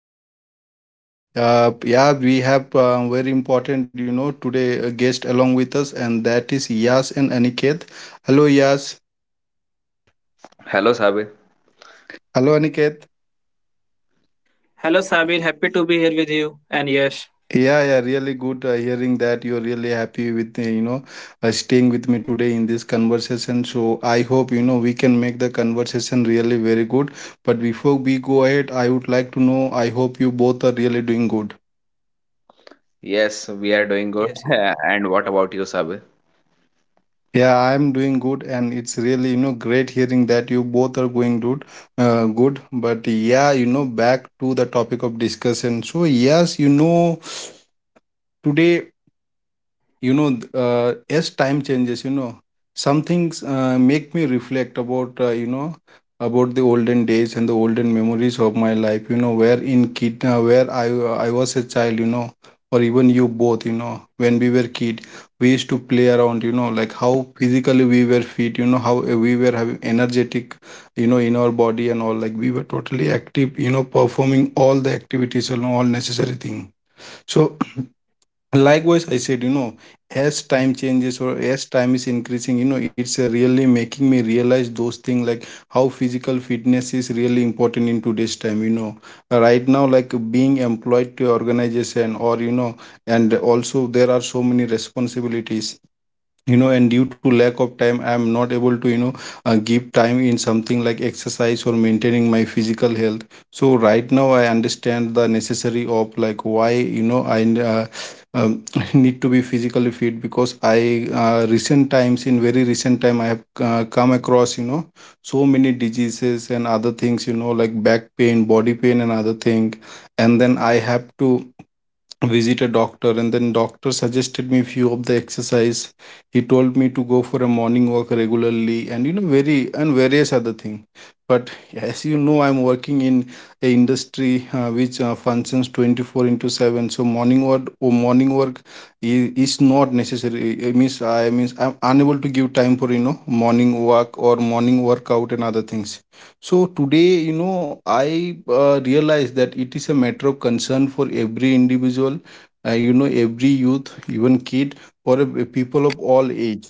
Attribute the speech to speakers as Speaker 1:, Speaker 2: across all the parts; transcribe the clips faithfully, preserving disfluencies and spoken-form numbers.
Speaker 1: all are doing good. Uh, yeah, we have uh, very important, you know, today a guest along with us, and that is Yas and Aniket. Hello Yas.
Speaker 2: Hello, Sabe.
Speaker 1: Hello Aniket.
Speaker 3: Hello, Sabir. Happy to be here with you. And yes,
Speaker 1: Yeah, yeah, really good uh, hearing that you're really happy with, uh, you know, uh, staying with me today in this conversation. So I hope, you know, we can make the conversation really very good. But before we go ahead, I would like to know, I hope you both are really doing good.
Speaker 2: Yes,
Speaker 3: yes,
Speaker 2: we are doing good. and what about you, Sabe?
Speaker 1: Yeah, I'm doing good, and it's really, you know, great hearing that you both are going good, uh, good. But yeah, you know, back to the topic of discussion. So yes, you know, today, you know th- uh, as time changes, you know, some things uh, make me reflect about, uh, you know about the olden days and the olden memories of my life, you know, where in kid uh, where I uh, I was a child, you know, or even you both, you know, when we were kid, we used to play around, you know, like how physically we were fit, you know, how uh, we were having energetic, you know, in our body and all, like we were totally active, you know, performing all the activities and all necessary thing. So likewise, I said, you know, as time changes or as time is increasing, you know, it's uh, really making me realize those things, like how physical fitness is really important in today's time. You know, right now, like being employed to organization, or you know, and also there are so many responsibilities, you know, and due to lack of time, I am not able to, you know, uh, give time in something like exercise or maintaining my physical health. So right now I understand the necessary of, like, why, you know, i uh, um, need to be physically fit, because I uh, recent times, in very recent time, I have uh, come across, you know, so many diseases and other things, you know, like back pain, body pain and other thing. And then I have to visit a doctor, and then doctor suggested me few of the exercise. He told me to go for a morning walk regularly and, you know, very and various other thing. But as you know, I'm working in a industry uh, which uh, functions twenty-four into seven, so morning work or morning work is, is not necessary. It means i means I'm unable to give time for, you know, morning walk or morning workout and other things. So today, you know, I uh, realize that it is a matter of concern for every individual, uh, you know, every youth, even kid, or a- a people of all age.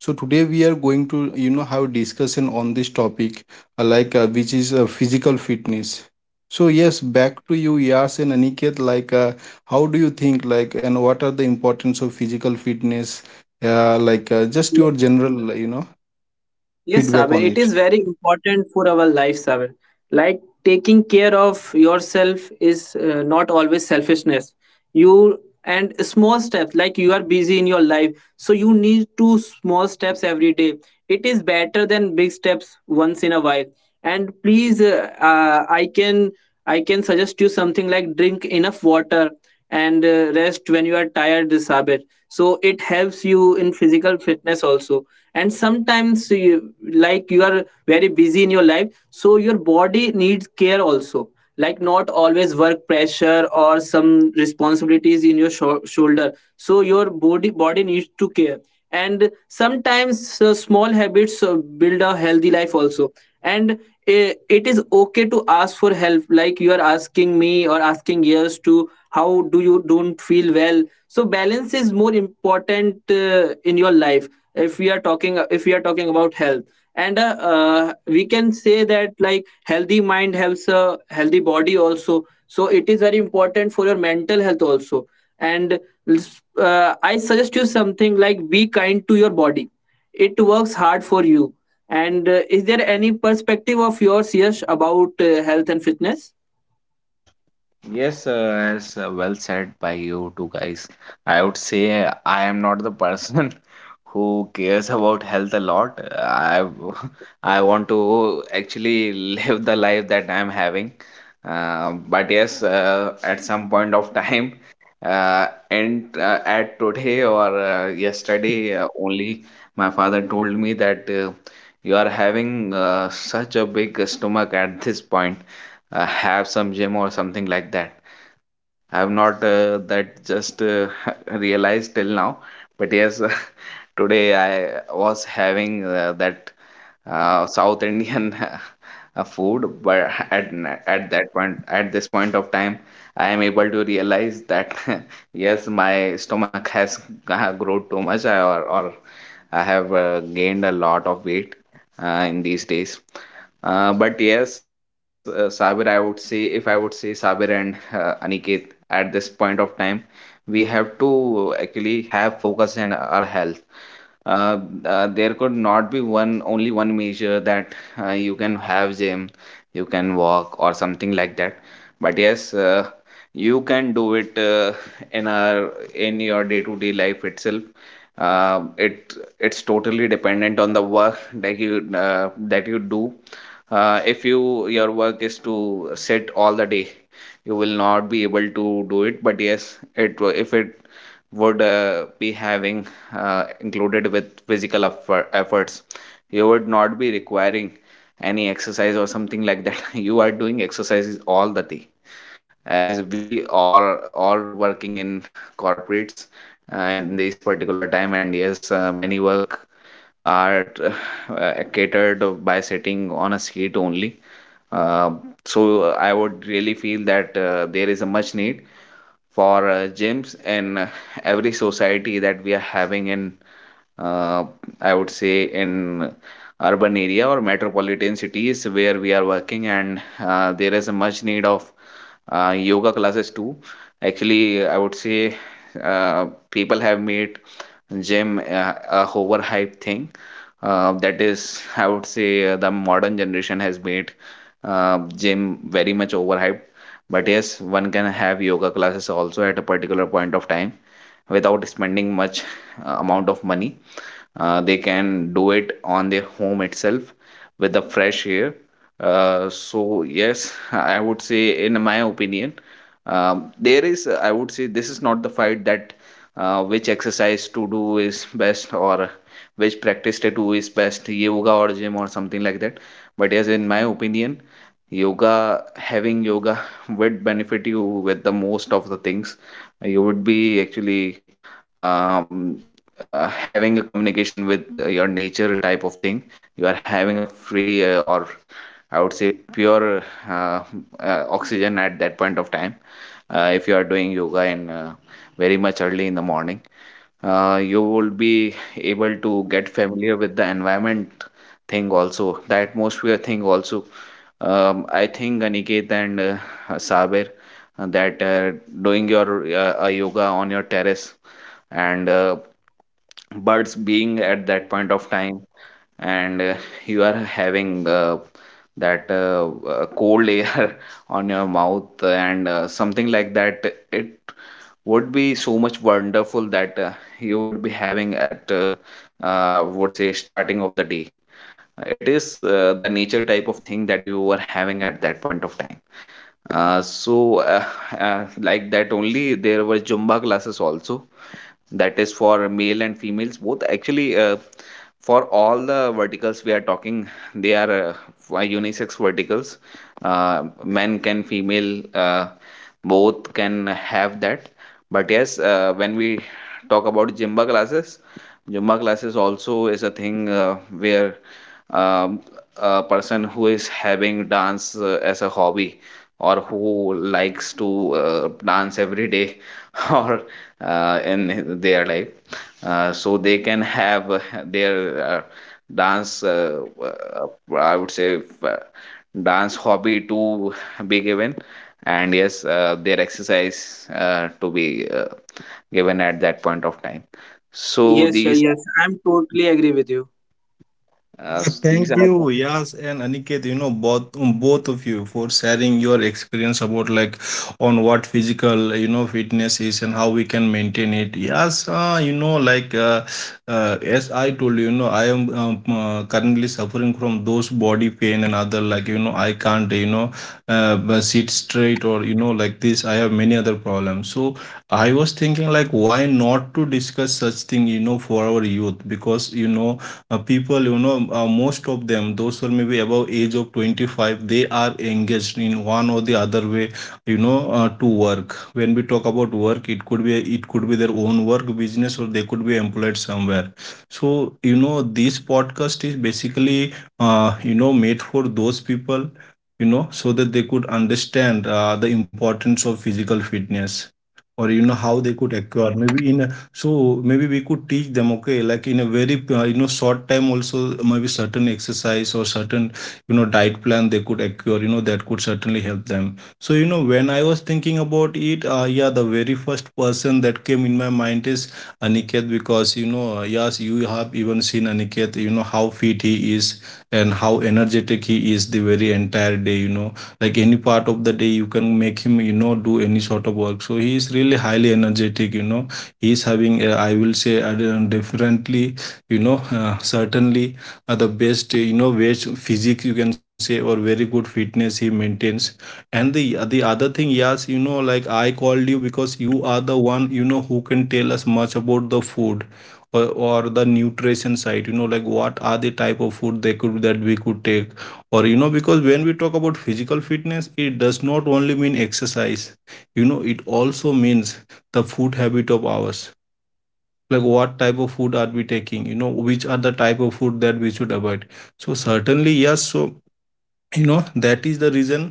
Speaker 1: So today we are going to, you know, have discussion on this topic, uh, like uh, which is uh, physical fitness. So yes, back to you, Yas and Aniket. Like, uh, how do you think? Like, and what are the importance of physical fitness? Uh, like, uh, just your
Speaker 3: yes.
Speaker 1: general, you know,
Speaker 3: Yes,
Speaker 1: feedback
Speaker 3: Sabir,
Speaker 1: on
Speaker 3: it
Speaker 1: it.
Speaker 3: is very important for our life, Sabir. Like taking care of yourself is uh, not always selfishness. You and small steps, like you are busy in your life, so you need two small steps every day. It is better than big steps once in a while. And please, uh, uh, I can I can suggest you something like drink enough water and uh, rest when you are tired, Sabir. So it helps you in physical fitness also. And sometimes you, like you are very busy in your life, so your body needs care also. Like not always work pressure or some responsibilities in your shou- shoulder, so your body body needs to care. And sometimes uh, small habits uh, build a healthy life also. And uh, it is okay to ask for help, like you are asking me or asking years to how do you don't feel well. So balance is more important uh, in your life. If we are talking, if we are talking about health. And uh, uh, we can say that like healthy mind helps a healthy body also. So it is very important for your mental health also. And uh, I suggest you something like, be kind to your body. It works hard for you. And uh, is there any perspective of yours, yes about uh, health and fitness?
Speaker 2: Yes, uh, as uh, well said by you two guys. I would say uh, I am not the person who cares about health a lot. Uh, I w- I want to actually live the life that I'm having. Uh, but yes, uh, at some point of time, uh, and uh, at today or uh, yesterday uh, only, my father told me that uh, you are having uh, such a big stomach at this point. Uh, have some gym or something like that. I have not uh, that just uh, realized till now, but yes, today I was having uh, that uh, South Indian uh, food, but at n- at that point, at this point of time, I am able to realize that yes, my stomach has uh, grown too much. I- or or I have uh, gained a lot of weight uh, in these days. Uh, but yes, uh, Sabir, I would say, if I would say Sabir and uh, Aniket, at this point of time, we have to actually have focus in our health. uh, uh, there could not be one only one measure. That uh, You can have gym, you can walk or something like that, but yes, uh, you can do it uh, in our in your day to day life itself. uh, it it's totally dependent on the work that you uh, that you do. Uh, if you your work is to sit all the day, you will not be able to do it. But yes, it wa- if it would uh, be having uh, included with physical effort, efforts, you would not be requiring any exercise or something like that. You are doing exercises all the day, as we are all working in corporates uh, in this particular time. And yes, uh, many work are uh, catered by sitting on a seat only. uh, so I would really feel that uh, there is a much need for uh, gyms in, uh, every society that we are having in, uh, I would say in urban area or metropolitan cities where we are working, and uh, there is a much need of uh, yoga classes too. Actually, I would say uh, people have made gym uh, a overhyped thing. Uh, that is, I would say, uh, the modern generation has made uh, gym very much overhyped. But yes, one can have yoga classes also at a particular point of time without spending much uh, amount of money. Uh, they can do it on their home itself with the fresh air. Uh, so yes, I would say in my opinion, um, there is, I would say, this is not the fight that uh, which exercise to do is best, or which practice to do is best, yoga or gym or something like that. But yes, in my opinion, yoga having yoga would benefit you with the most of the things. You would be actually, um, uh, having a communication with uh, your nature type of thing. You are having a free, uh, or I would say pure, uh, uh, oxygen at that point of time. Uh, if you are doing yoga in, uh, very much early in the morning, uh, you will be able to get familiar with the environment thing also, the atmosphere thing also. Um, i think Aniket and uh, Sabir, uh, that uh, doing your uh, uh, yoga on your terrace, and uh, birds being at that point of time, and uh, you are having uh, that uh, uh, cold air on your mouth and uh, something like that, it would be so much wonderful that uh, you would be having at, uh, uh, would say starting of the day. It is uh, the nature type of thing that you were having at that point of time. uh, so uh, uh, like that only, there were Zumba classes also. That is for male and females both, actually, uh, for all the verticals we are talking. They are uh, unisex verticals. Uh, men can, female, uh, both can have that. But yes, uh, when we talk about Zumba classes, Zumba classes also is a thing uh, where, um, a person who is having dance uh, as a hobby, or who likes to uh, dance every day, or uh, in their life, uh, so they can have uh, their uh, dance, uh, uh, I would say uh, dance hobby to be given, and yes, uh, their exercise uh, to be uh, given at that point of time. So
Speaker 3: Yes, sure,
Speaker 2: these
Speaker 3: yes. I'm totally agree with you.
Speaker 2: uh,
Speaker 1: Uh,
Speaker 2: these
Speaker 1: Thank
Speaker 2: are,
Speaker 1: you, Yas and Aniket, you know, both um, both of you for sharing your experience about, like, on what physical, you know, fitness is and how we can maintain it. Yes, uh, you know, like, uh, uh, as I told you, you know, I am um, uh, currently suffering from those body pain and other, like, you know, I can't, you know, uh, b- sit straight or, you know, like this. I have many other problems. So I was thinking, like, why not to discuss such thing, you know, for our youth? Because, you know, uh, people, you know, uh, most of them those who are maybe above age of twenty-five, they are engaged in one or the other way, you know, uh, to work. When we talk about work, it could be, it could be their own work business, or they could be employed somewhere. So you know, this podcast is basically uh, you know, made for those people, you know, so that they could understand uh, the importance of physical fitness, or you know, how they could acquire maybe in. So maybe we could teach them, okay, like in a very uh, you know, short time also, maybe certain exercise or certain, you know, diet plan they could acquire, you know, that could certainly help them. So you know, when I was thinking about it, uh, yeah, the very first person that came in my mind is Aniket, because you know uh, yes, you have even seen Aniket, you know, how fit he is and how energetic he is the very entire day, you know, like any part of the day you can make him, you know, do any sort of work. So he is really highly energetic, you know, he's having a, I will say, I don't- definitely, you know, uh, certainly uh, the best, uh, you know, best physics you can say, or very good fitness he maintains. And the the other thing, yes, you know, like I called you because you are the one, you know, who can tell us much about the food, or, or the nutrition side, you know, like what are the type of food they could, that we could take, or you know, because when we talk about physical fitness, it does not only mean exercise, you know, it also means the food habit of ours, like what type of food are we taking, you know, which are the type of food that we should avoid. So certainly, yes, so you know, that is the reason,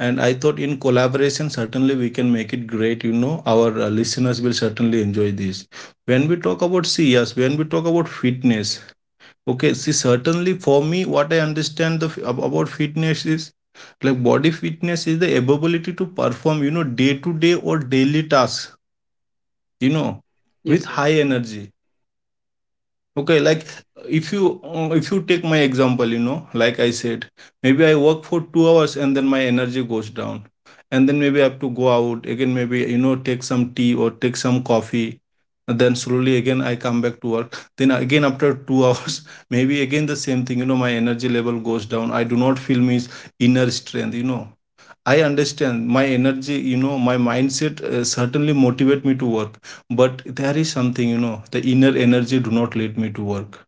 Speaker 1: and I thought in collaboration certainly we can make it great, you know, our uh, listeners will certainly enjoy this. When we talk about, see, yes, when we talk about fitness, okay, see, certainly for me, what I understand the f- ab- about fitness is like, body fitness is the ability to perform, you know, day to day or daily tasks, you know, with
Speaker 3: Yes,
Speaker 1: high
Speaker 3: yes.
Speaker 1: energy. Okay, like if you uh, if you take my example, you know, like I said, maybe I work for two hours and then my energy goes down. And then maybe I have to go out again, maybe, you know, take some tea or take some coffee, and then slowly again I come back to work, then again after two hours, maybe again the same thing, you know, my energy level goes down, I do not feel my inner strength, you know, I understand my energy, you know, my mindset uh, certainly motivate me to work, but there is something, you know, the inner energy do not lead me to work.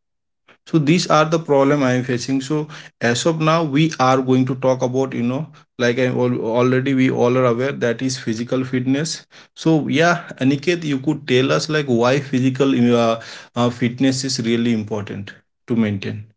Speaker 1: So these are the problem I am facing. So as of now, we are going to talk about, you know, like I al- already we all are aware, that is physical fitness. So yeah, Aniket, you could tell us, like, why physical uh, uh, fitness is really important to maintain.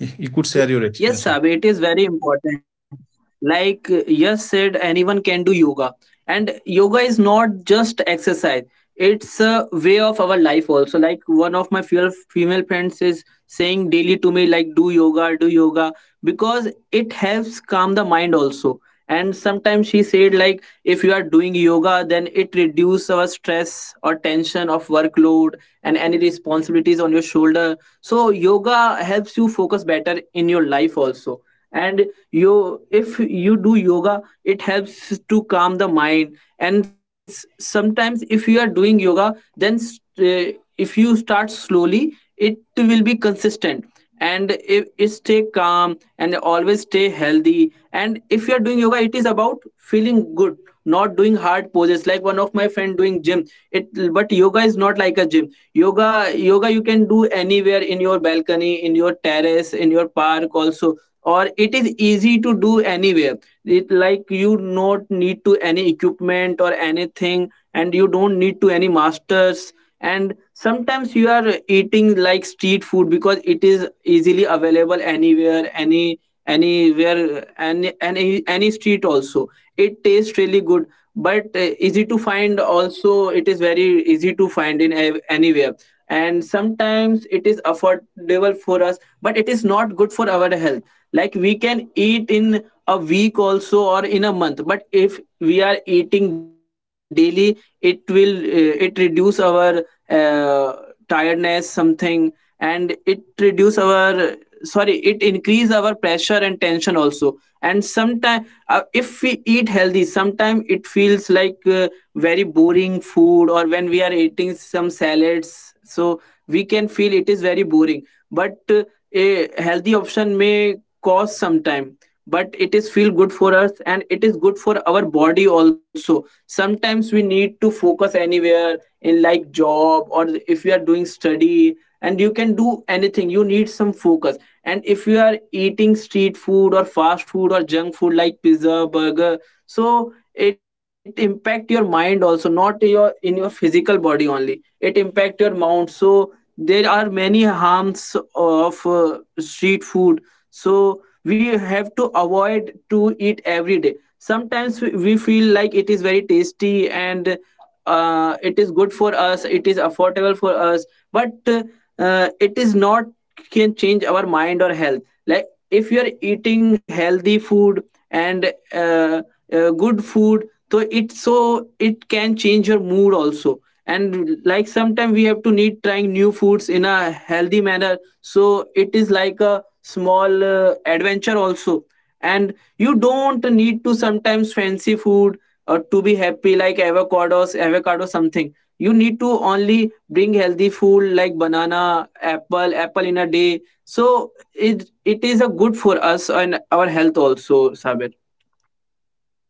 Speaker 1: You you could share your
Speaker 3: Yes,
Speaker 1: experience.
Speaker 3: Sab, it is very important. Like uh, Yash said, anyone can do yoga. And yoga is not just exercise, it's a way of our life also. Like one of my fe- female friends is saying daily to me, like, do yoga, do yoga, because it helps calm the mind also. And sometimes she said, like, if you are doing yoga, then it reduces our stress or tension of workload and any responsibilities on your shoulder. So yoga helps you focus better in your life also. And you, if you do yoga, it helps to calm the mind. And s- sometimes if you are doing yoga then s- uh, if you start slowly it will be consistent, and if it stay calm and always stay healthy. And if you are doing yoga, it is about feeling good, not doing hard poses, like one of my friend doing gym. It, but yoga is not like a gym. Yoga yoga you can do anywhere, in your balcony, in your terrace, in your park also, or it is easy to do anywhere. It, like, you not need to any equipment or anything, and you don't need to any masters. And sometimes you are eating like street food, because it is easily available anywhere, any anywhere any any any street also. It tastes really good, but uh, easy to find also, it is very easy to find in ev- anywhere. And sometimes it is affordable for us, but it is not good for our health. Like, we can eat in a week also, or in a month, but if we are eating daily, it will uh, it reduce our uh, tiredness something. And it reduce our, sorry, it increase our pressure and tension also. And sometimes uh, if we eat healthy, sometimes it feels like uh, very boring food, or when we are eating some salads, so we can feel it is very boring. But uh, a healthy option may cost some time, but it is feel good for us, and it is good for our body also. Sometimes we need to focus anywhere, in like job, or if you are doing study, and you can do anything, you need some focus. And if you are eating street food or fast food or junk food like pizza, burger, so it impact your mind also, not your, in your physical body only, it impact your mind. So there are many harms of uh, street food, so we have to avoid to eat every day. Sometimes we we feel like it is very tasty and uh, it is good for us, it is affordable for us, but uh, it is not can change our mind or health. Like, if you are eating healthy food and uh, uh, good food, so it so it can change your mood also. And like sometimes we have to need trying new foods in a healthy manner, so it is like a small uh, adventure also. And you don't need to sometimes fancy food or to be happy, like avocados avocado something. You need to only bring healthy food like banana, apple apple in a day. So it it is a good for us and our health also, Sabir.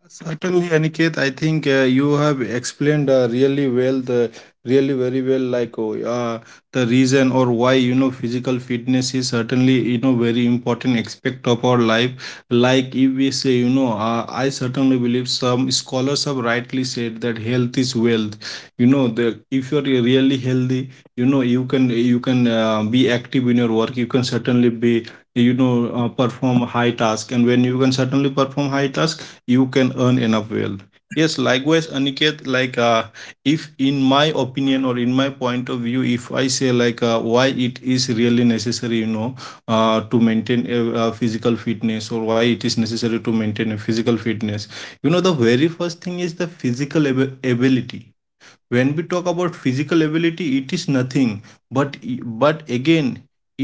Speaker 1: Certainly, Aniket, I think uh, you have explained uh, really well the really very well, like, oh, uh, the reason or why, you know, physical fitness is certainly, you know, very important aspect of our life. Like, if we say, you know, uh, I certainly believe some scholars have rightly said that health is wealth. You know, the, if you're really healthy, you know, you can you can uh, be active in your work. You can certainly be, you know, uh, perform high task, and when you can certainly perform high task, you can earn enough wealth. Yes, likewise, Aniket, like, uh, if in my opinion or in my point of view, if I say, like, uh, why it is really necessary, you know, uh, to maintain a, a physical fitness, or why it is necessary to maintain a physical fitness, you know, the very first thing is the physical ab- ability. When we talk about physical ability, it is nothing but, but again,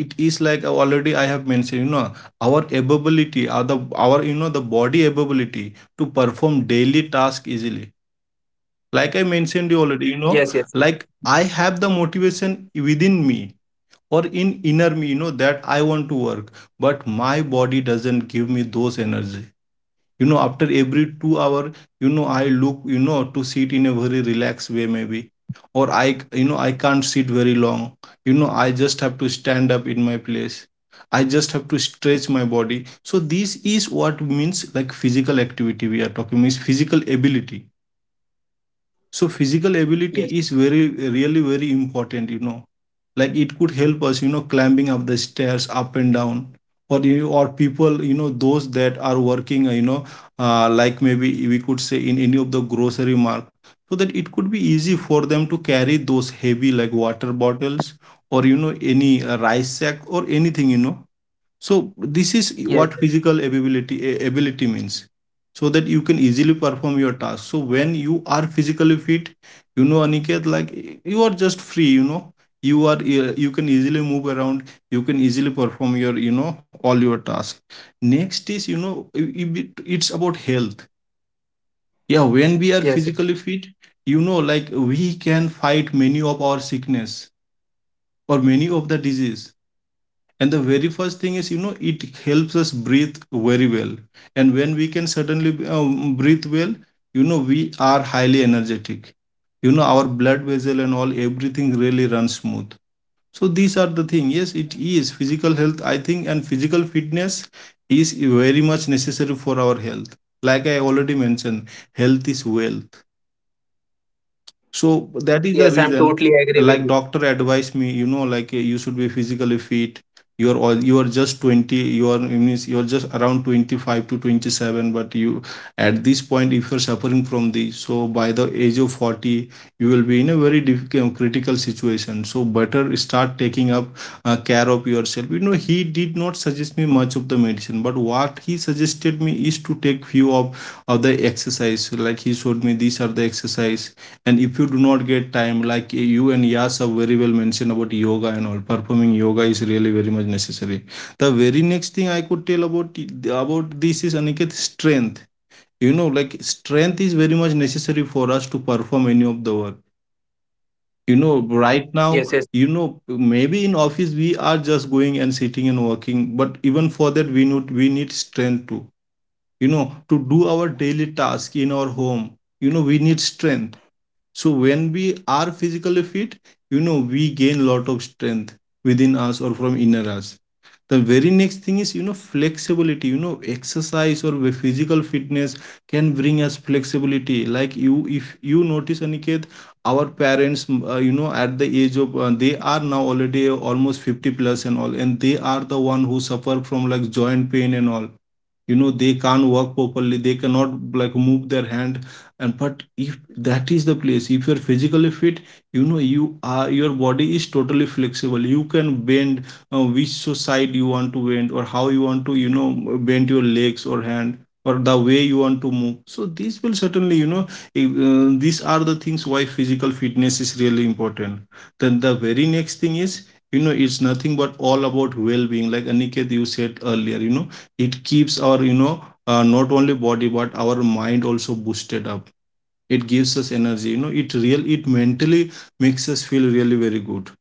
Speaker 1: it is like, already I have mentioned, you know, our ability, our, the, our, you know, the body ability to perform daily task easily, like I mentioned you already, you
Speaker 3: Yes,
Speaker 1: know,
Speaker 3: yes,
Speaker 1: like I have the motivation within me, or in inner me, you know, that I want to work, but my body doesn't give me those energy, you know, after every two hours, you know, I look, you know, to sit in a very relaxed way, maybe, or I, you know, I can't sit very long, you know, I just have to stand up in my place, I just have to stretch my body. So this is what means, like, physical activity we are talking, means physical ability. So physical ability is
Speaker 3: yes, yes,
Speaker 1: very really very important, you know. Like it could help us, you know, climbing up the stairs up and down. Or you or people, you know, those that are working, uh, you know, uh, like maybe we could say in any of the grocery mart, so that it could be easy for them to carry those heavy like water bottles or you know any uh, rice sack or anything, you know. So this is what
Speaker 3: yes,
Speaker 1: physical ability ability means, so that you can easily perform your task. So when you are physically fit, you know, Aniket, like you are just free, you know. You are, you can easily move around, you can easily perform your, you know, all your tasks. Next is, you know, it- it's about health. Yeah, when we are physically
Speaker 3: yes,
Speaker 1: fit,
Speaker 3: yes,
Speaker 1: you know, like we can fight many of our sickness or many of the disease. And the very first thing is, you know, it helps us breathe very well. And when we can suddenly um, breathe well, you know, we are highly energetic. You know, our blood vessel and all everything really runs smooth. So these are the thing. Yes, it is physical health, I think, and physical fitness is very much necessary for our health. Like I already mentioned, health is wealth. So that is the
Speaker 3: yes, I'm
Speaker 1: reason,
Speaker 3: totally agree with
Speaker 1: like
Speaker 3: you.
Speaker 1: doctor advised me, you know, like uh, you should be physically fit. You're all you are just twenty, you are in you're just around twenty-five to twenty-seven, but you at this point, if you're suffering from this, so by the age of forty, you will be in a very difficult critical situation. So better start taking up uh, care of yourself. You know, he did not suggest me much of the medicine, but what he suggested me is to take few of, of the exercise. Like he showed me these are the exercise. And if you do not get time, like eh, you and Yas have very well mentioned about yoga and all. Performing yoga is really very much necessary. The very next thing I could tell about about this is, Aniket, strength. You know, like strength is very much necessary for us to perform any of the work, you know. Right
Speaker 3: Yes,
Speaker 1: now,
Speaker 3: yes,
Speaker 1: you know, maybe in office we are just going and sitting and working, but even for that we need we need strength to, you know, to do our daily task in our home. You know, we need strength. So when we are physically fit, you know, we gain lot of strength within us or from inner us. The very next thing is, you know, flexibility. You know, exercise or physical fitness can bring us flexibility. Like you, if you notice, Aniket, our parents uh, you know, at the age of uh, they are now already almost fifty plus and all, and they are the one who suffer from like joint pain and all. You know, they can't work properly, they cannot like move their hand. And but if, that is the place, if you're physically fit, you know, you are, your body is totally flexible. You can bend uh, which side you want to bend, or how you want to, you know, bend your legs or hand, or the way you want to move. So these will certainly, you know, if, uh, these are the things why physical fitness is really important. Then the very next thing is, you know, it's nothing but all about well-being. Like, Aniket, you said earlier, you know, it keeps our, you know, uh, not only body but our mind also boosted up. It gives us energy, you know. It real, it mentally makes us feel really very good.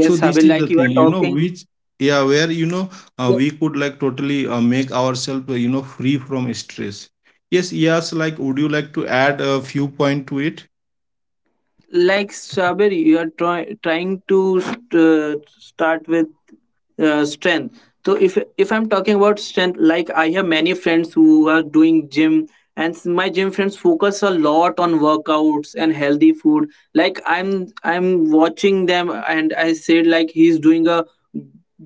Speaker 1: So
Speaker 3: Sabir,
Speaker 1: this is the
Speaker 3: like you
Speaker 1: thing,
Speaker 3: are
Speaker 1: you know,
Speaker 3: talking.
Speaker 1: which yeah, where you know, uh, we could like totally uh, make ourselves uh, you know free from stress. Yes, yes. Like, would you like to add a few point to it?
Speaker 3: Like strawberry, you are try- trying to st- uh, start with uh, strength. So if if I'm talking about strength, like I have many friends who are doing gym. And s- my gym friends focus a lot on workouts and healthy food. Like, i'm i'm watching them, and I said, like, he's doing a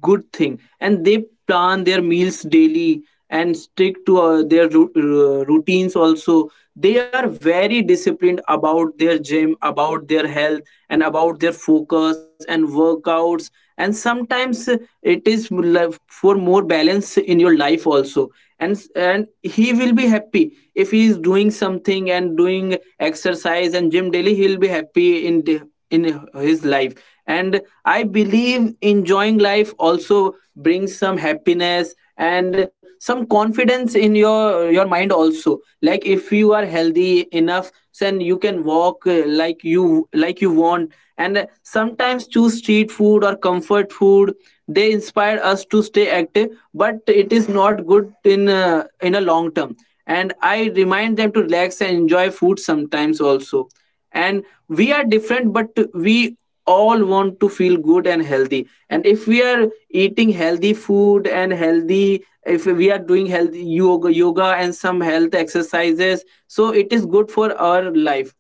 Speaker 3: good thing, and they plan their meals daily, and stick to uh, their ru- uh, routines also. They are very disciplined about their gym, about their health, and about their focus and workouts. And sometimes uh, it is l- for more balance in your life also. And and he will be happy if he is doing something and doing exercise and gym daily. He'll be happy in the, in his life. And I believe enjoying life also brings some happiness and some confidence in your your mind also. Like, if you are healthy enough, then you can walk uh, like you, like you want. And uh, sometimes choose street food or comfort food, they inspire us to stay active, but it is not good in uh, in a long term. And I remind them to relax and enjoy food sometimes also. And we are different, but we all want to feel good and healthy. And if we are eating healthy food and healthy, if we are doing health, yoga yoga and some health exercises, so it is good for our life.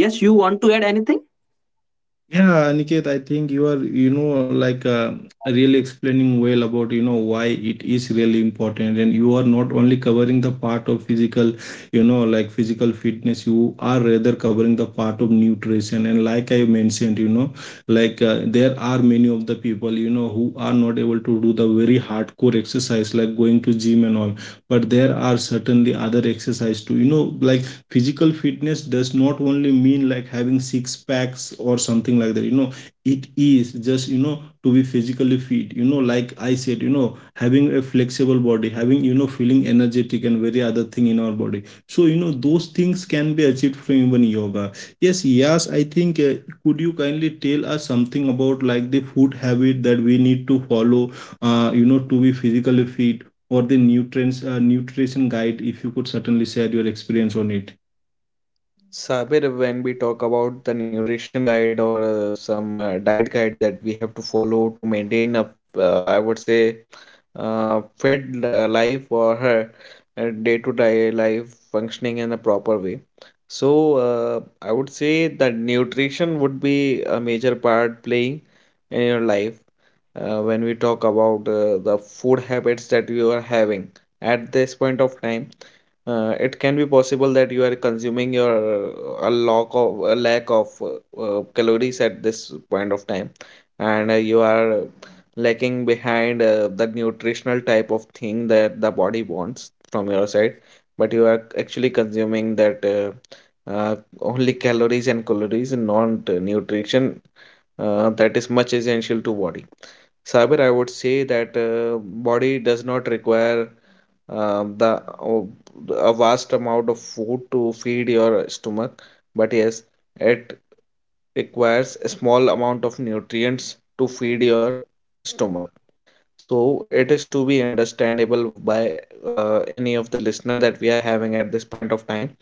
Speaker 3: Yes, you want to add anything?
Speaker 1: Yeah, Aniket, I think you are, you know, like uh, really explaining well about, you know, why it is really important. And you are not only covering the part of physical, you know, like physical fitness, you are rather covering the part of nutrition. And like I mentioned, you know, like uh, there are many of the people, you know, who are not able to do the very hardcore exercise, like going to gym and all. But there are certainly other exercise too, you know, like physical fitness does not only mean like having six packs or something like that, you know. It is just, you know, to be physically fit, you know, like I said, you know, having a flexible body, having, you know, feeling energetic and very other thing in our body. So you know those things can be achieved from even yoga. Yes, yes, I think, uh, could you kindly tell us something about like the food habit that we need to follow, uh, you know, to be physically fit, or the nutrients uh, nutrition guide, if you could certainly share your experience on it.
Speaker 2: Sabir, when we talk about the nutrition guide, or uh, some uh, diet guide that we have to follow to maintain a, uh, I would say, uh, fit uh, life, or her uh, day-to-day life functioning in a proper way. So, uh, I would say that nutrition would be a major part playing in your life. Uh, when we talk about uh, the food habits that you are having at this point of time, uh, it can be possible that you are consuming your, uh, a lack of a lack of uh, uh, calories at this point of time, and uh, you are lacking behind uh, the nutritional type of thing that the body wants from your side, but you are actually consuming that, uh, uh, only calories and calories, not uh, nutrition uh, that is much essential to body. Sabir, I would say that uh, body does not require um, the oh, a vast amount of food to feed your stomach, but yes, it requires a small amount of nutrients to feed your stomach. So it is to be understandable by uh, any of the listener that we are having at this point of time.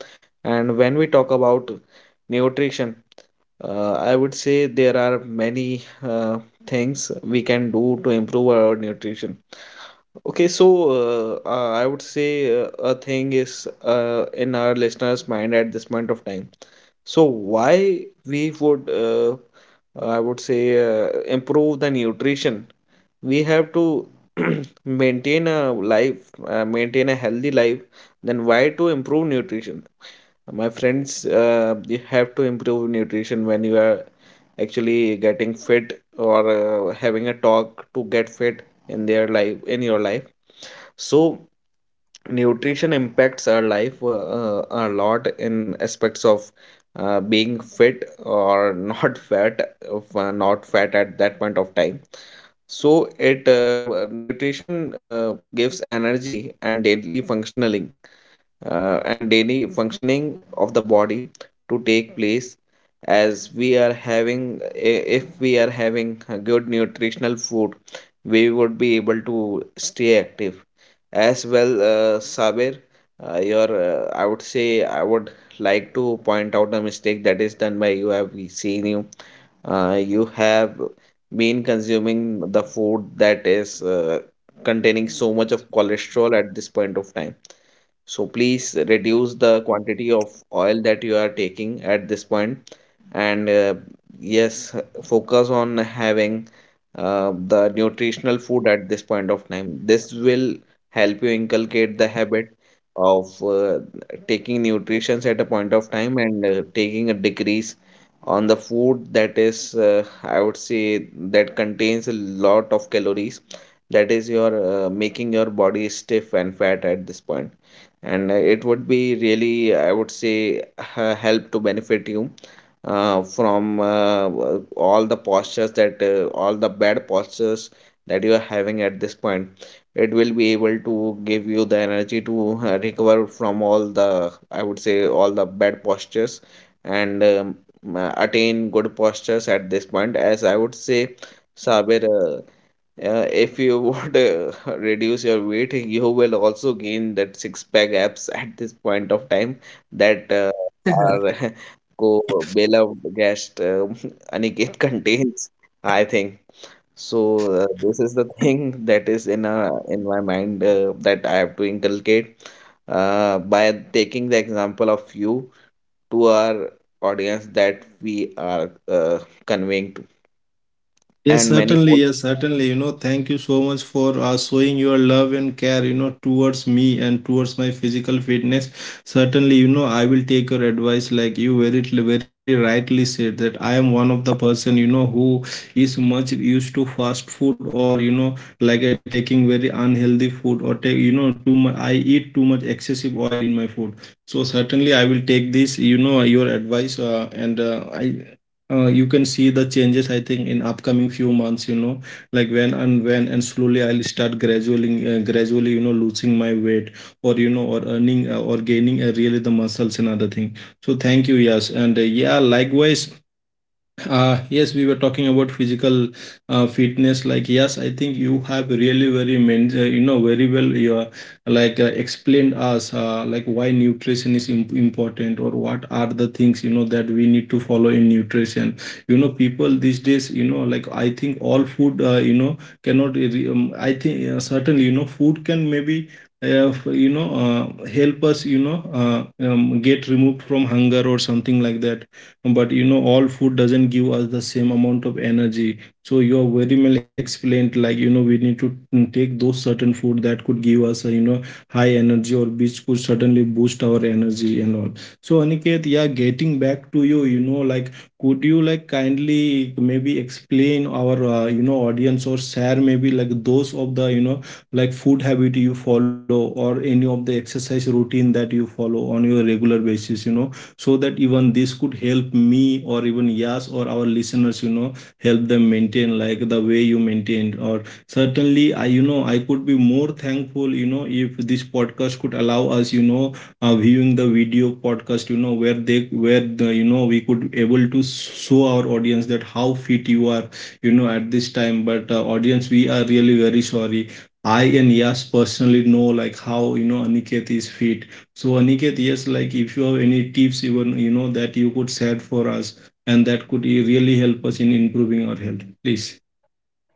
Speaker 2: And when we talk about nutrition, uh, I would say there are many uh, things we can do to improve our nutrition. Okay, so uh, uh, I would say, uh, a thing is uh, in our listeners' mind at this point of time. So why we would, uh, I would say, uh, improve the nutrition. We have to maintain a life, uh, maintain a healthy life. Then why to improve nutrition? My friends, uh, you have to improve nutrition when you are actually getting fit, or uh, having a talk to get fit in their life, in your life. So nutrition impacts our life uh, uh, a lot in aspects of uh, being fit or not fat, of uh, not fat at that point of time. So it uh, w- nutrition uh, gives energy and daily functioning, uh, and daily functioning of the body to take place. As we are having, if we are having a good nutritional food, we would be able to stay active as well. uh, Sabir, uh, your uh, I would say, I would like to point out a mistake that is done by you. Have We seen you, uh, you have been consuming the food that is uh, containing so much of cholesterol at this point of time. So please reduce the quantity of oil that you are taking at this point. And uh, yes, focus on having uh, the nutritional food at this point of time. This will help you inculcate the habit of uh, taking nutritions at a point of time, and uh, taking a decrease on the food that is, uh, I would say, that contains a lot of calories. That is your uh, making your body stiff and fat at this point, and uh, it would be really, I would say, uh, help to benefit you uh, from uh, w- all the postures that, uh, all the bad postures that you are having at this point. It will be able to give you the energy to uh, recover from all the, I would say, all the bad postures, and um, uh, attain good postures at this point. As I would say, Sabir, uh, uh, if you want to reduce your weight, you will also gain that six pack abs at this point of time, that uh, are co beloved guest um, Aniket contains, I think. So uh, this is the thing that is in uh, in my mind uh, that I have to inculcate uh, by taking the example of you to our audience that we are uh, conveying to,
Speaker 1: Yes,
Speaker 2: and many
Speaker 1: certainly.
Speaker 2: more.
Speaker 1: Yes, certainly. You know, thank you so much for uh, showing your love and care, you know, towards me and towards my physical fitness. Certainly, you know, I will take your advice. Like you very, very rightly said that I am one of the person, you know, who is much used to fast food or, you know, like uh, taking very unhealthy food or take, you know, too much, I eat too much excessive oil in my food. So certainly I will take this, you know, your advice, uh, and uh, I uh, you can see the changes, I think, in upcoming few months, you know, like when and when and slowly I'll start gradually, uh, gradually, you know, losing my weight, or you know, or earning uh, or gaining uh, really the muscles and other thing. So thank you. Yes, and uh, yeah, likewise. Uh, yes, we were talking about physical uh, fitness. Like, yes, I think you have really very men, uh, you know, very well. You are, like uh, explained us uh, like why nutrition is im- important, or what are the things, you know, that we need to follow in nutrition. You know, people these days, you know, like I think all food, uh, you know, cannot. re- Um, I think uh, certainly, you know, food can maybe. Uh, f- you know, uh, help us, you know, uh, um, get removed from hunger or something like that, but you know all food doesn't give us the same amount of energy. So you are very well explained, like you know we need to mm, take those certain food that could give us a, you know, high energy, or which could certainly boost our energy and all. So, Aniket, yeah, getting back to you, you know, like could you like kindly maybe explain our, uh, you know, audience, or share maybe like those of the, you know, like food habit you follow, or any of the exercise routine that you follow on your regular basis, you know, so that even this could help me or even Yas or our listeners, you know, help them maintain like the way you maintained. Or certainly, I, you know, I could be more thankful, you know, if this podcast could allow us, you know, uh, viewing the video podcast, you know, where they, where the, you know, we could able to show our audience that how fit you are, you know, at this time. But uh, audience, we are really very sorry. I and Yas personally know like how you know Aniket is fit. So Aniket, yes, like if you have any tips, even you know, that you could share for us, and that could eh, really help us in improving our health, please.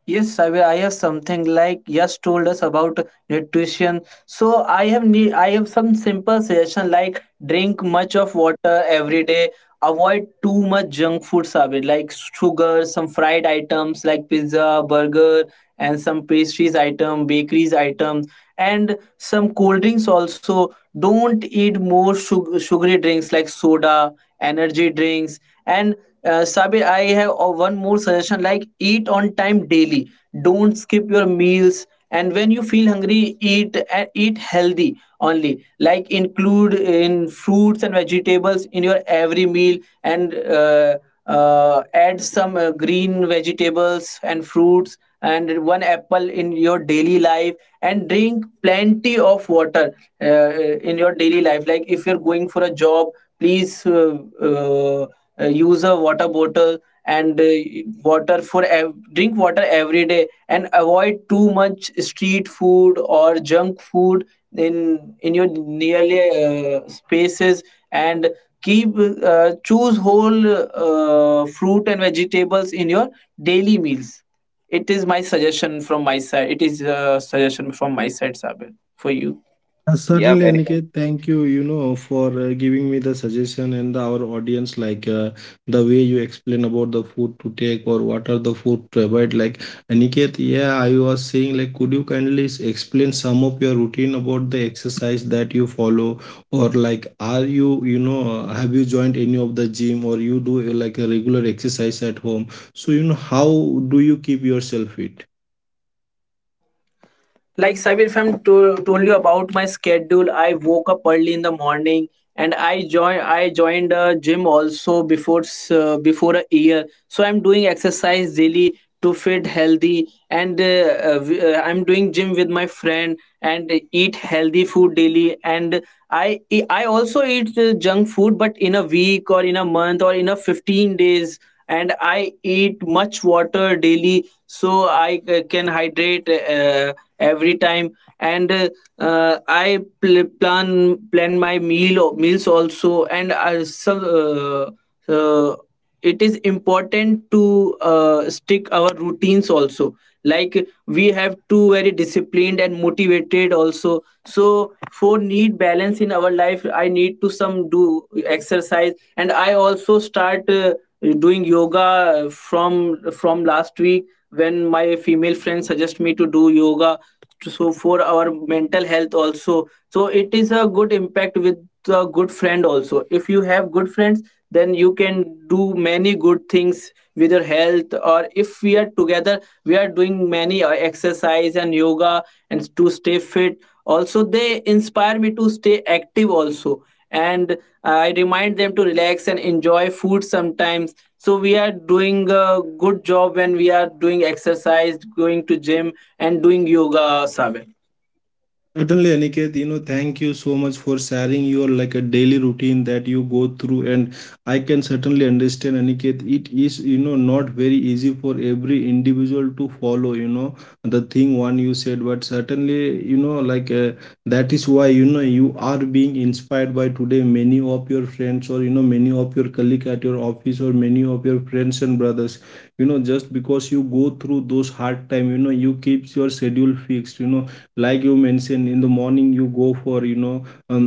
Speaker 3: Yes, I will. I have something like just told us about nutrition. So I have need. I have some simple suggestion like drink much of water every day. Avoid too much junk food, Abhi, like sugar, some fried items like pizza, burger, and some pastries item, bakeries items, and some cold drinks also. Don't eat more sug- sugary drinks like soda, energy drinks. And uh, Sabir, I have uh, one more suggestion, like eat on time daily. Don't skip your meals. And when you feel hungry, eat uh, eat healthy only. Like, include in fruits and vegetables in your every meal, and uh, uh, add some uh, green vegetables and fruits, and one apple in your daily life. And drink plenty of water uh, in your daily life. Like, if you're going for a job, please, uh, uh, uh, use a water bottle, and uh, water for ev- drink water every day, and avoid too much street food or junk food in in your nearly uh, spaces, and keep uh, choose whole uh, fruit and vegetables in your daily meals. It is my suggestion from my side, it is a suggestion from my side, Sabir, for you.
Speaker 1: Uh, certainly,
Speaker 2: Yeah,
Speaker 1: Aniket,
Speaker 2: very.
Speaker 1: thank you, you know, for uh, giving me the suggestion and the, our audience, like uh, the way you explain about the food to take or what are the food to avoid. Like, Aniket, yeah, I was saying, like, could you kindly s- explain some of your routine about the exercise that you follow? Or, like, are you, you know, have you joined any of the gym, or you do uh, like a regular exercise at home? So, you know, how do you keep yourself fit?
Speaker 3: Like, Sabir, if I'm to- told you about my schedule, I woke up early in the morning, and I join I joined a gym also, before s- uh, before a year. So I'm doing exercise daily to fit healthy. And uh, uh, w- uh, I'm doing gym with my friend and eat healthy food daily. And I e- I also eat uh, junk food, but in a week or in a month or in a fifteen days. And I eat much water daily, so I uh, can hydrate uh, every time. And uh, uh, I pl- plan plan my meal meals also. And I, so, uh, uh, it is important to uh, stick our routines also. Like, we have to very disciplined and motivated also. So for need balance in our life, I need to some do exercise. And I also start uh, doing yoga from from last week, when my female friend suggest me to do yoga, so for our mental health also. So it is a good impact with a good friend also. If you have good friends, then you can do many good things with your health. Or if we are together, we are doing many uh, exercise and yoga, and to stay fit also. They inspire me to stay active also. And I remind them to relax and enjoy food sometimes. So we are doing a good job when we are doing exercise, going to gym, and doing yoga, Saber.
Speaker 1: Certainly, Aniket, you know, thank you so much for sharing your like a daily routine that you go through. And I can certainly understand, Aniket, it is, you know, not very easy for every individual to follow, you know, the thing one you said. But certainly, you know, like uh, that is why, you know, you are being inspired by today many of your friends, or, you know, many of your colleague at your office, or many of your friends and brothers. You know, just because you go through those hard time, you know, you keeps your schedule fixed, you know, like you mentioned, in the morning you go for, you know um,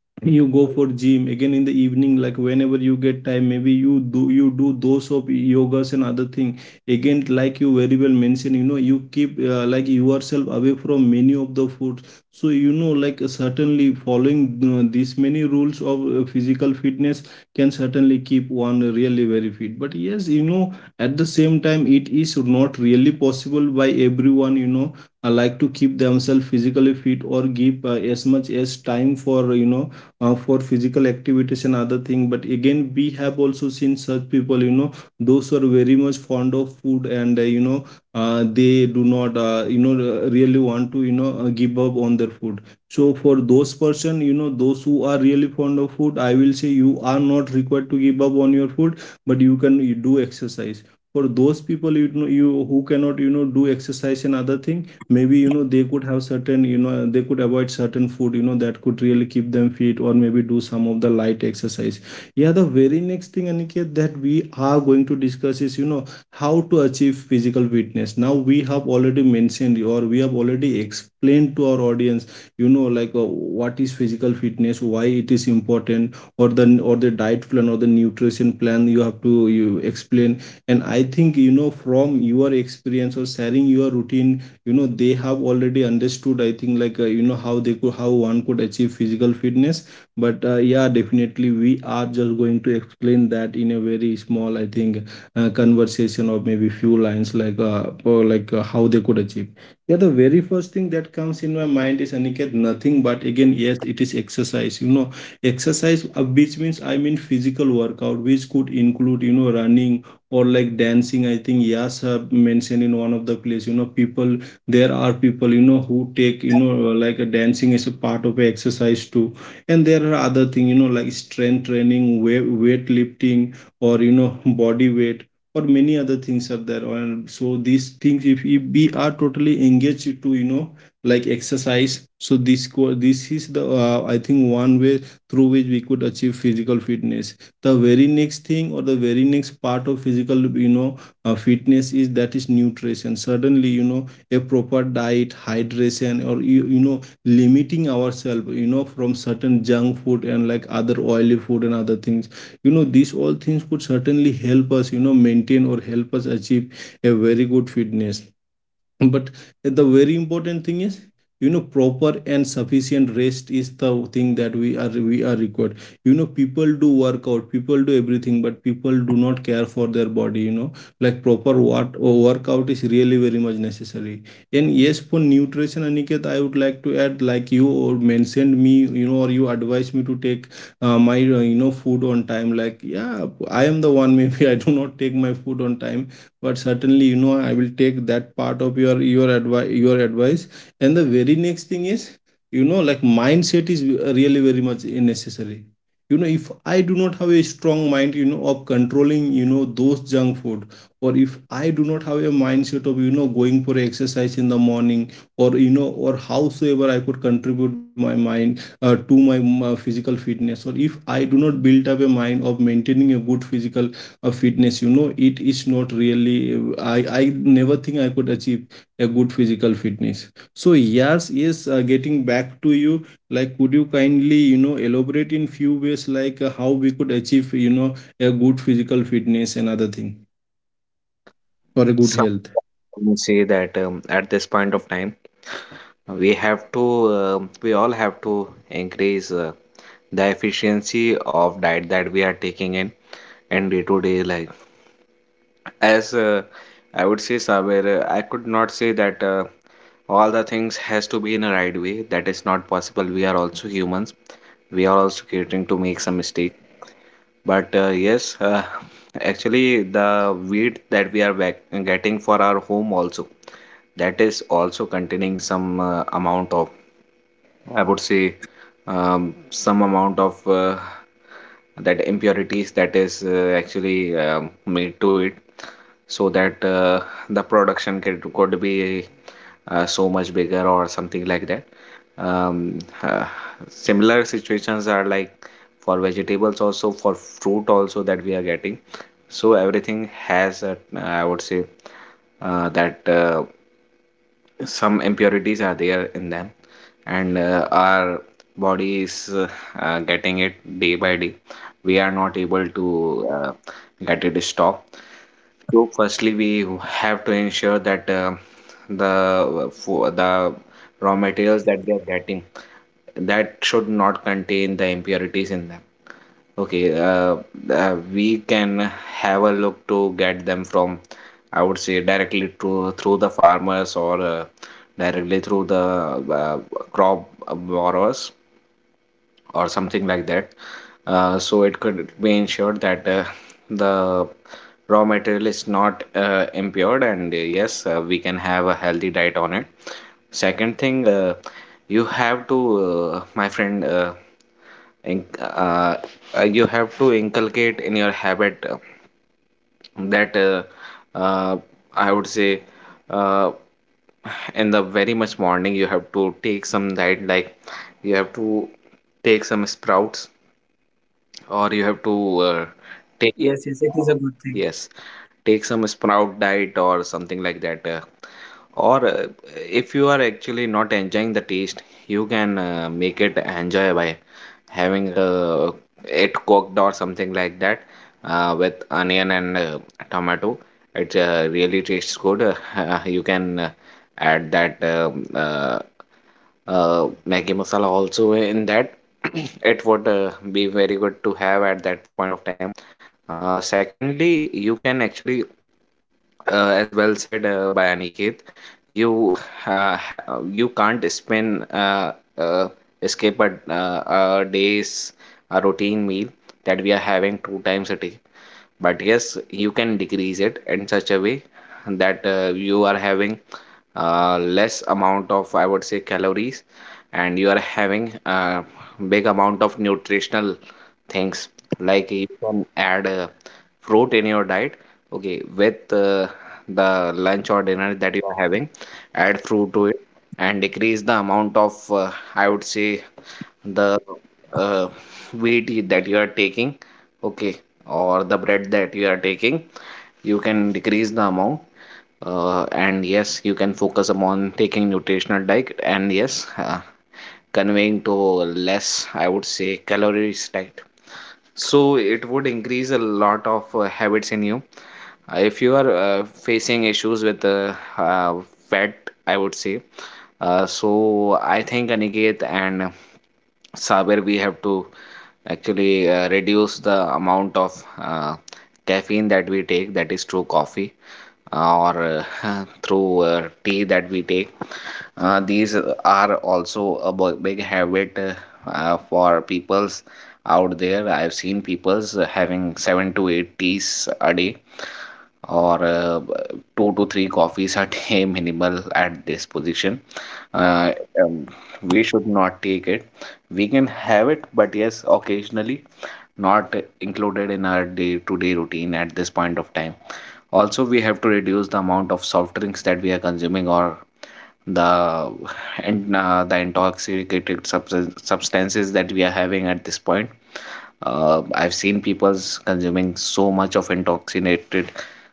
Speaker 1: you go for gym again in the evening. Like whenever you get time, maybe you do you do those of yogas and other thing. Again, like you very well mentioned, you know, you keep uh, like yourself away from many of the foods. So you know, like uh, certainly following uh, these many rules of uh, physical fitness can certainly keep one really very fit. But yes, you know, at the same time it is not really possible by everyone, you know, uh, like to keep themselves physically fit or give uh, as much as time for, you know, uh, for physical activities and other thing. But again, we have also seen such people, you know, those who are very much fond of food and, uh, you know, uh, they do not, uh, you know, uh, really want to, you know, uh, give up on their food. So for those person, you know, those who are really fond of food, I will say you are not required to give up on your food, but you can you do exercise. For those people, you know, you who cannot, you know, do exercise and other thing, maybe you know, they could have certain, you know, they could avoid certain food, you know, that could really keep them fit, or maybe do some of the light exercise. Yeah, the very next thing, Aniket, that we are going to discuss is, you know, how to achieve physical fitness. Now we have already mentioned, or we have already explained to our audience, you know, like uh, what is physical fitness, why it is important, or the or the diet plan or the nutrition plan you have to you explain. And I think, you know, from your experience or sharing your routine, you know, they have already understood, I think, like uh, you know, how they could, how one could achieve physical fitness. But uh, yeah, definitely we are just going to explain that in a very small, I think, uh, conversation or maybe few lines, like uh, or like uh, how they could achieve. Yeah, the very first thing that comes in my mind is, Aniket, nothing but again yes, it is exercise, you know, exercise, uh, which means I mean physical workout, which could include, you know, running or like dancing. I think, yes, have mentioned in one of the place, you know, people, there are people, you know, who take, you know, like a dancing as a part of a exercise too. And there are other thing, you know, like strength training, weight weight lifting, or you know, body weight, or many other things are there. And so these things if, if we are totally engaged to, you know, like exercise, so this co- this is the uh, I think one way through which we could achieve physical fitness. The very next thing, or the very next part of physical, you know, uh, fitness is, that is nutrition. Suddenly, you know, a proper diet, hydration, or you, you know, limiting ourselves, you know, from certain junk food and like other oily food and other things. You know, these all things could certainly help us, you know, maintain or help us achieve a very good fitness. But the very important thing is, you know, proper and sufficient rest is the thing that we are we are required. You know, people do workout, people do everything, but people do not care for their body, you know, like proper what workout is really very much necessary. And yes, for nutrition, Aniket, I would like to add, like you mentioned me, you know, or you advised me to take uh, my uh, you know, food on time. Like, yeah, I am the one maybe I do not take my food on time, but certainly, you know, I will take that part of your your advice your advice And the very next thing is, you know, like mindset is really very much necessary. You know, if I do not have a strong mind, you know, of controlling, you know, those junk food, or if I do not have a mindset of, you know, going for exercise in the morning, or, you know, or howsoever I could contribute my mind uh, to my, my physical fitness, or if I do not build up a mind of maintaining a good physical a fitness, you know, it is not really, i i never think I could achieve a good physical fitness. So yes, yes, uh, getting back to you, like, could you kindly, you know, elaborate in few ways, like uh, how we could achieve, you know, a good physical fitness and other thing for a good health.
Speaker 2: Some would say that, um, at this point of time, we have to, um we all have to increase uh, the efficiency of diet that we are taking in in day to day life. As uh, I would say, Saber, uh, I could not say that uh, all the things has to be in a right way. That is not possible. We are also humans. We are also catering to make some mistake. But uh, yes, uh, actually, the wheat that we are back getting for our home also, that is also containing some uh, amount of I would say um, some amount of uh, that impurities that is uh, actually um, made to it so that uh, the production could, could be uh, so much bigger or something like that. Um, uh, Similar situations are like for vegetables also, for fruit also, that we are getting. So everything has a, I would say uh, that uh, some impurities are there in them, and uh, our body is uh, uh, getting it day by day. We are not able to uh, get it stopped. So firstly, we have to ensure that uh, the for the raw materials that we are getting, that should not contain the impurities in them. Okay, uh, uh, we can have a look to get them from, I would say, directly to through the farmers, or uh, directly through the uh, crop borrowers or something like that. Uh, so it could be ensured that uh, the raw material is not uh, impaired, and uh, yes, uh, we can have a healthy diet on it. Second thing, uh, you have to, uh, my friend, uh, inc- uh, uh, you have to inculcate in your habit uh, that uh, uh, I would say uh, in the very much morning, you have to take some diet, like you have to take some sprouts, or you have to
Speaker 3: Yes, yes,
Speaker 2: uh,
Speaker 3: it is a good
Speaker 2: take
Speaker 3: thing.
Speaker 2: uh, yes, take some sprout diet or something like that, uh, or uh, if you are actually not enjoying the taste, you can uh, make it enjoy by having uh, it cooked or something like that, uh, with onion and uh, tomato. It uh, really tastes good. Uh, you can uh, add that um uh, uh, Maggi masala also in that. It would uh, be very good to have at that point of time. Uh, secondly, you can actually, uh, as well said uh, by Aniket, you uh, ha you can't spend uh, uh, escape a, uh, a day's a routine meal that we are having two times a day. But yes, you can decrease it in such a way that uh, you are having uh, less amount of, I would say, calories, and you are having a big amount of nutritional things. Like you can add uh, fruit in your diet, okay, with uh, the lunch or dinner that you are having. Add fruit to it and decrease the amount of, uh, I would say, the uh, wheat that you are taking, okay, or the bread that you are taking. You can decrease the amount, uh, and yes, you can focus upon taking nutritional diet, and yes uh, conveying to less, I would say, calories diet. So it would increase a lot of uh, habits in you. Uh, if you are uh, facing issues with uh, uh, fat, I would say, uh, so I think Aniket and Saber, we have to actually uh, reduce the amount of uh, caffeine that we take, that is through coffee, uh, or uh, through uh, tea that we take. Uh, these are also a b- big habit, uh, uh, for peoples out there. I've seen people's uh, having seven to eight teas a day, or uh, two to three coffees a day minimal at this position. Uh, um, we should not take it. We can have it, but yes, occasionally, not included in our day-to-day routine at this point of time. Also, we have to reduce the amount of soft drinks that we are consuming, or the and uh, the intoxicated substance, substances that we are having at this point. uh, I've seen people's consuming so much of intoxicated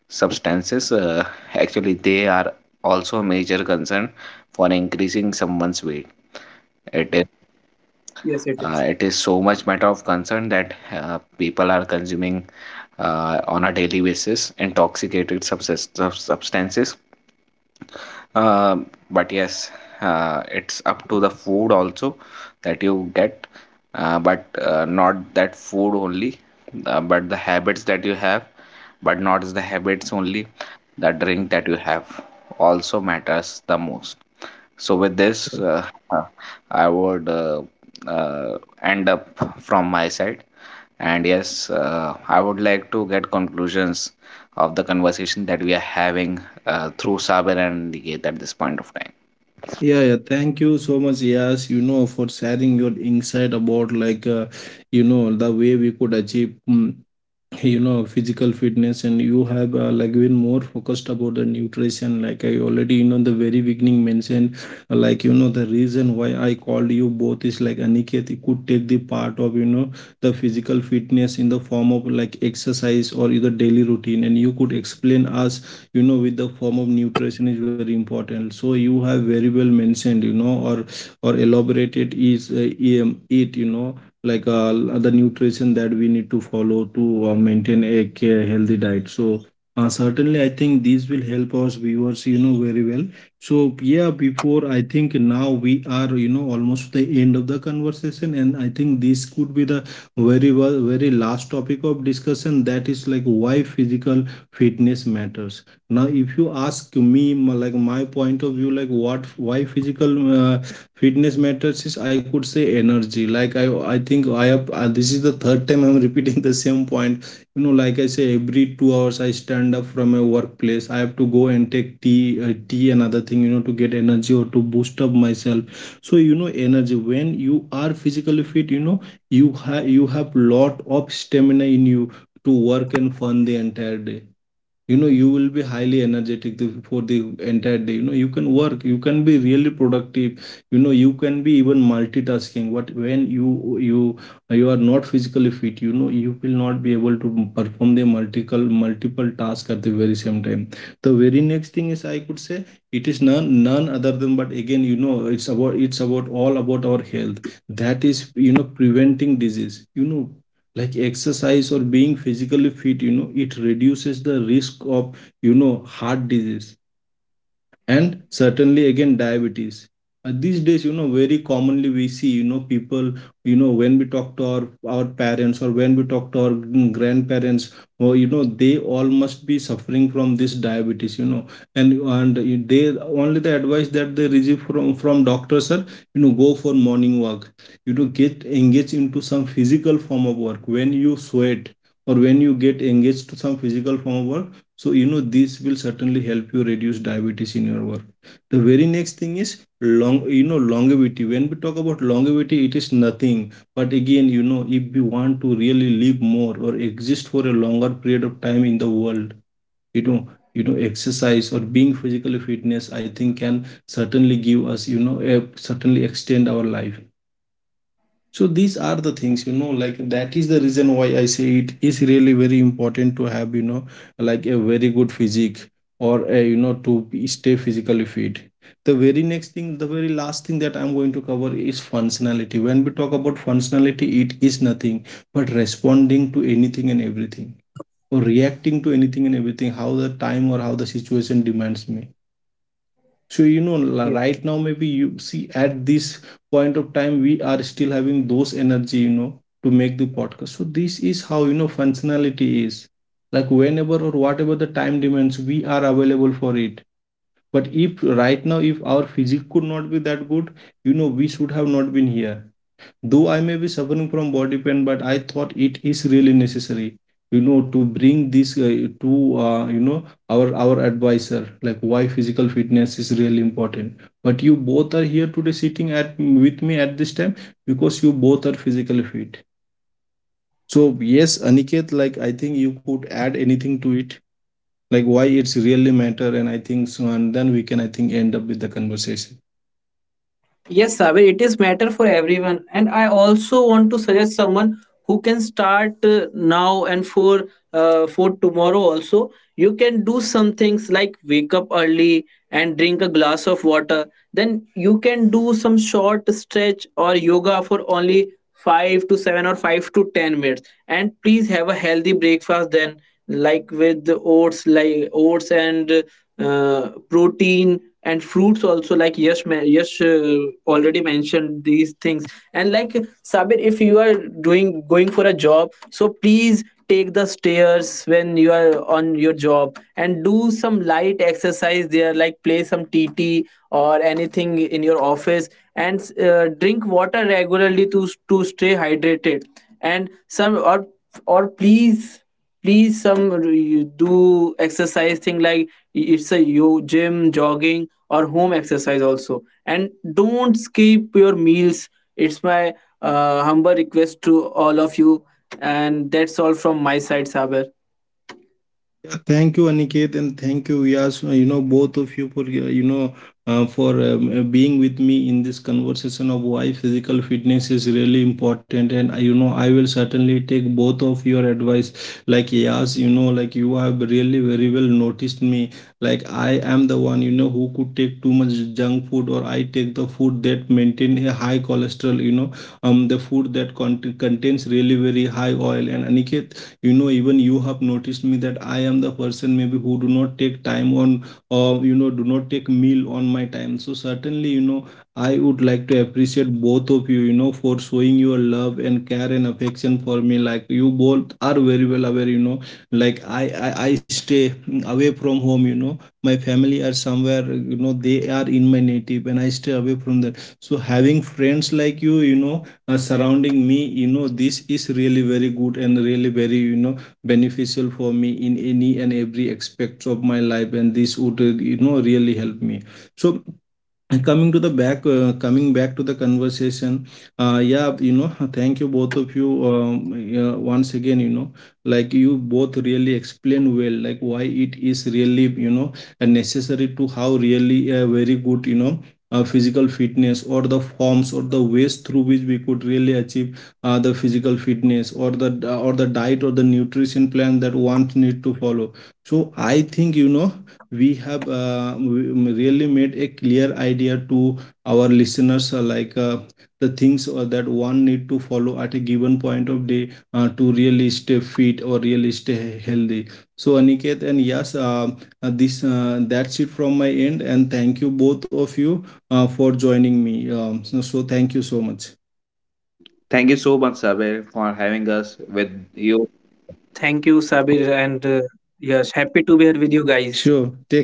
Speaker 2: substances. Uh, actually, they are also a major concern for increasing someone's weight. it is
Speaker 3: Yes, it is.
Speaker 2: uh, it is so much matter of concern that uh, people are consuming uh, on a daily basis intoxicated subsist- substances, uh, but yes, uh, it's up to the food also that you get, uh, but uh, not that food only, uh, but the habits that you have, but not the habits only. The drink that you have also matters the most. So with this, uh, uh, I would uh, uh, end up from my side. And yes, uh, I would like to get conclusions of the conversation that we are having uh, through Saber and Niket at this point of time.
Speaker 1: Yeah, yeah, thank you so much. Yes, you know, for sharing your insight about, like uh, you know, the way we could achieve, mm, you know, physical fitness. And you have uh, like been more focused about the nutrition, like I already, you know, the very beginning mentioned, uh, like, you know, the reason why I called you both is, like, Aniket, you could take the part of, you know, the physical fitness in the form of like exercise or either daily routine. And you could explain us, you know, with the form of nutrition is very important. So you have very well mentioned, you know, or or elaborated is uh, em- it, you know, like uh, the nutrition that we need to follow to uh, maintain a ca- healthy diet. So uh, certainly I think these will help us viewers, you know, very well. So yeah, before, I think now we are, you know, almost the end of the conversation, and I think this could be the very well very last topic of discussion, that is like why physical fitness matters. Now, if you ask me, m- like, my point of view, like what why physical uh, fitness matters is, I could say energy. Like i i think I have, uh, this is the third time I'm repeating the same point. You know, like, I say every two hours I stand up from my workplace. I have to go and take tea, uh, tea and other thing, you know, to get energy or to boost up myself. So you know, energy, when you are physically fit, you know, you have you have lot of stamina in you to work and fun the entire day. You know, you will be highly energetic the- for the entire day. You know, you can work, you can be really productive, you know, you can be even multitasking. What when you you you are not physically fit, you know, you will not be able to perform the multiple multiple tasks at the very same time. The very next thing is, I could say, it is none none other than, but again, you know, it's about it's about all about our health. That is, you know, preventing disease, you know, like exercise or being physically fit, you know, it reduces the risk of, you know, heart disease, and certainly again diabetes. Uh, these days, you know, very commonly we see, you know, people, you know, when we talk to our our parents, or when we talk to our, mm, grandparents, or you know, they all must be suffering from this diabetes. You know, and and you- they, only the advice that they receive from from doctors are, you know, go for morning walk. You know, get engaged into some physical form of work when you sweat, or when you get engaged to some physical form of work. So, you know, this will certainly help you reduce diabetes in your work. The very next thing is long, you know, longevity. When we talk about longevity, it is nothing, but again, you know, if we want to really live more or exist for a longer period of time in the world, you know, you know, exercise or being physically fitness, I think can certainly give us, you know, a, certainly extend our life. So these are the things, you know, like, that is the reason why I say it is really very important to have, you know, like a very good physique, or a, you know, to be- stay physically fit. The very next thing, the very last thing that I'm going to cover is functionality. When we talk about functionality, it is nothing but responding to anything and everything, or reacting to anything and everything, how the time or how the situation demands me. So you know, right now,
Speaker 3: Yes,
Speaker 1: maybe you see, at this point of time, we are still having those energy, you know, to make the podcast. So this is how, you know, functionality is, like whenever or whatever the time demands, we are available for it. But if right now, if our physique could not be that good, you know, we should have not been here. Though I may be suffering from body pain, but I thought it is really necessary, you know, to bring this uh, to uh, you know, our our advisor, like why physical fitness is really important. But you both are here today, sitting at with me at this time because you both are physically fit. So yes, Aniket, like I think you could add anything to it, like why it's really matter, and I think so, and then we can I think end up with the conversation.
Speaker 3: yes, Saber, it is matter for everyone. And I also want to suggest someone who can start uh, now and for uh, for tomorrow also. You can do some things like wake up early and drink a glass of water. Then you can do some short stretch or yoga for only five to seven or five to ten minutes. And please have a healthy breakfast then, like with the oats, like oats and uh, protein and fruits also, like yes yes uh, already mentioned these things. And like, Sabir, if you are doing going for a job, so please take the stairs when you are on your job, and do some light exercise there, like play some TT or anything in your office. And uh, drink water regularly, to to stay hydrated. And some, or or please, please some r- you do exercise thing, like it's a yo gym, jogging, or home exercise also. And don't skip your meals. It's my uh, humble request to all of you, and that's all from my side, Sabir.
Speaker 1: Yeah, thank you, Aniket, and thank you, Vyas. uh, You know, both of you for uh, you know uh, for um, uh, being with me in this conversation of why physical fitness is really important. And uh, you know, I will certainly take both of your advice. Like, Yas, you know, like, you have really very well noticed me. Like, I am the one, you know, who could take too much junk food, or I take the food that maintain a high cholesterol. You know, um, the food that cont- contains really very high oil. And Aniket, you know, even you have noticed me that I am the person maybe who do not take time on, or you know, do not take meal on my time. So certainly, you know, I would like to appreciate both of you, you know, for showing your love and care and affection for me. Like, you both are very well aware, you know, like i i, I stay away from home. You know, my family are somewhere, you know, they are in my native, and I stay away from them. So having friends like you you know, uh, surrounding me, you know, this is really very good and really very, you know, beneficial for me in any and every aspect of my life. And this would, uh, you know, really help me. So, and coming to the back uh, coming back to the conversation, uh, yeah, you know, thank you both of you, um, yeah, once again, you know, like, you both really explained well, like why it is really, you know, uh, necessary to how really a very good, you know, uh, physical fitness, or the forms or the ways through which we could really achieve uh, the physical fitness or the or the diet or the nutrition plan that one need to follow. So I think, you know, we have uh, we- really made a clear idea to our listeners, uh, like uh, the things uh, that one need to follow at a given point of day uh, to really stay fit or really stay he- healthy. So Aniket and yes, uh, uh, this uh, that's it from my end, and thank you both of you uh, for joining me, um, so so thank you so much.
Speaker 2: Thank you so much, Sabir, for having us
Speaker 3: Thank
Speaker 2: with
Speaker 3: you,
Speaker 2: you
Speaker 3: Sabir, and uh, yes, happy to be here with you guys.
Speaker 1: Sure, take care.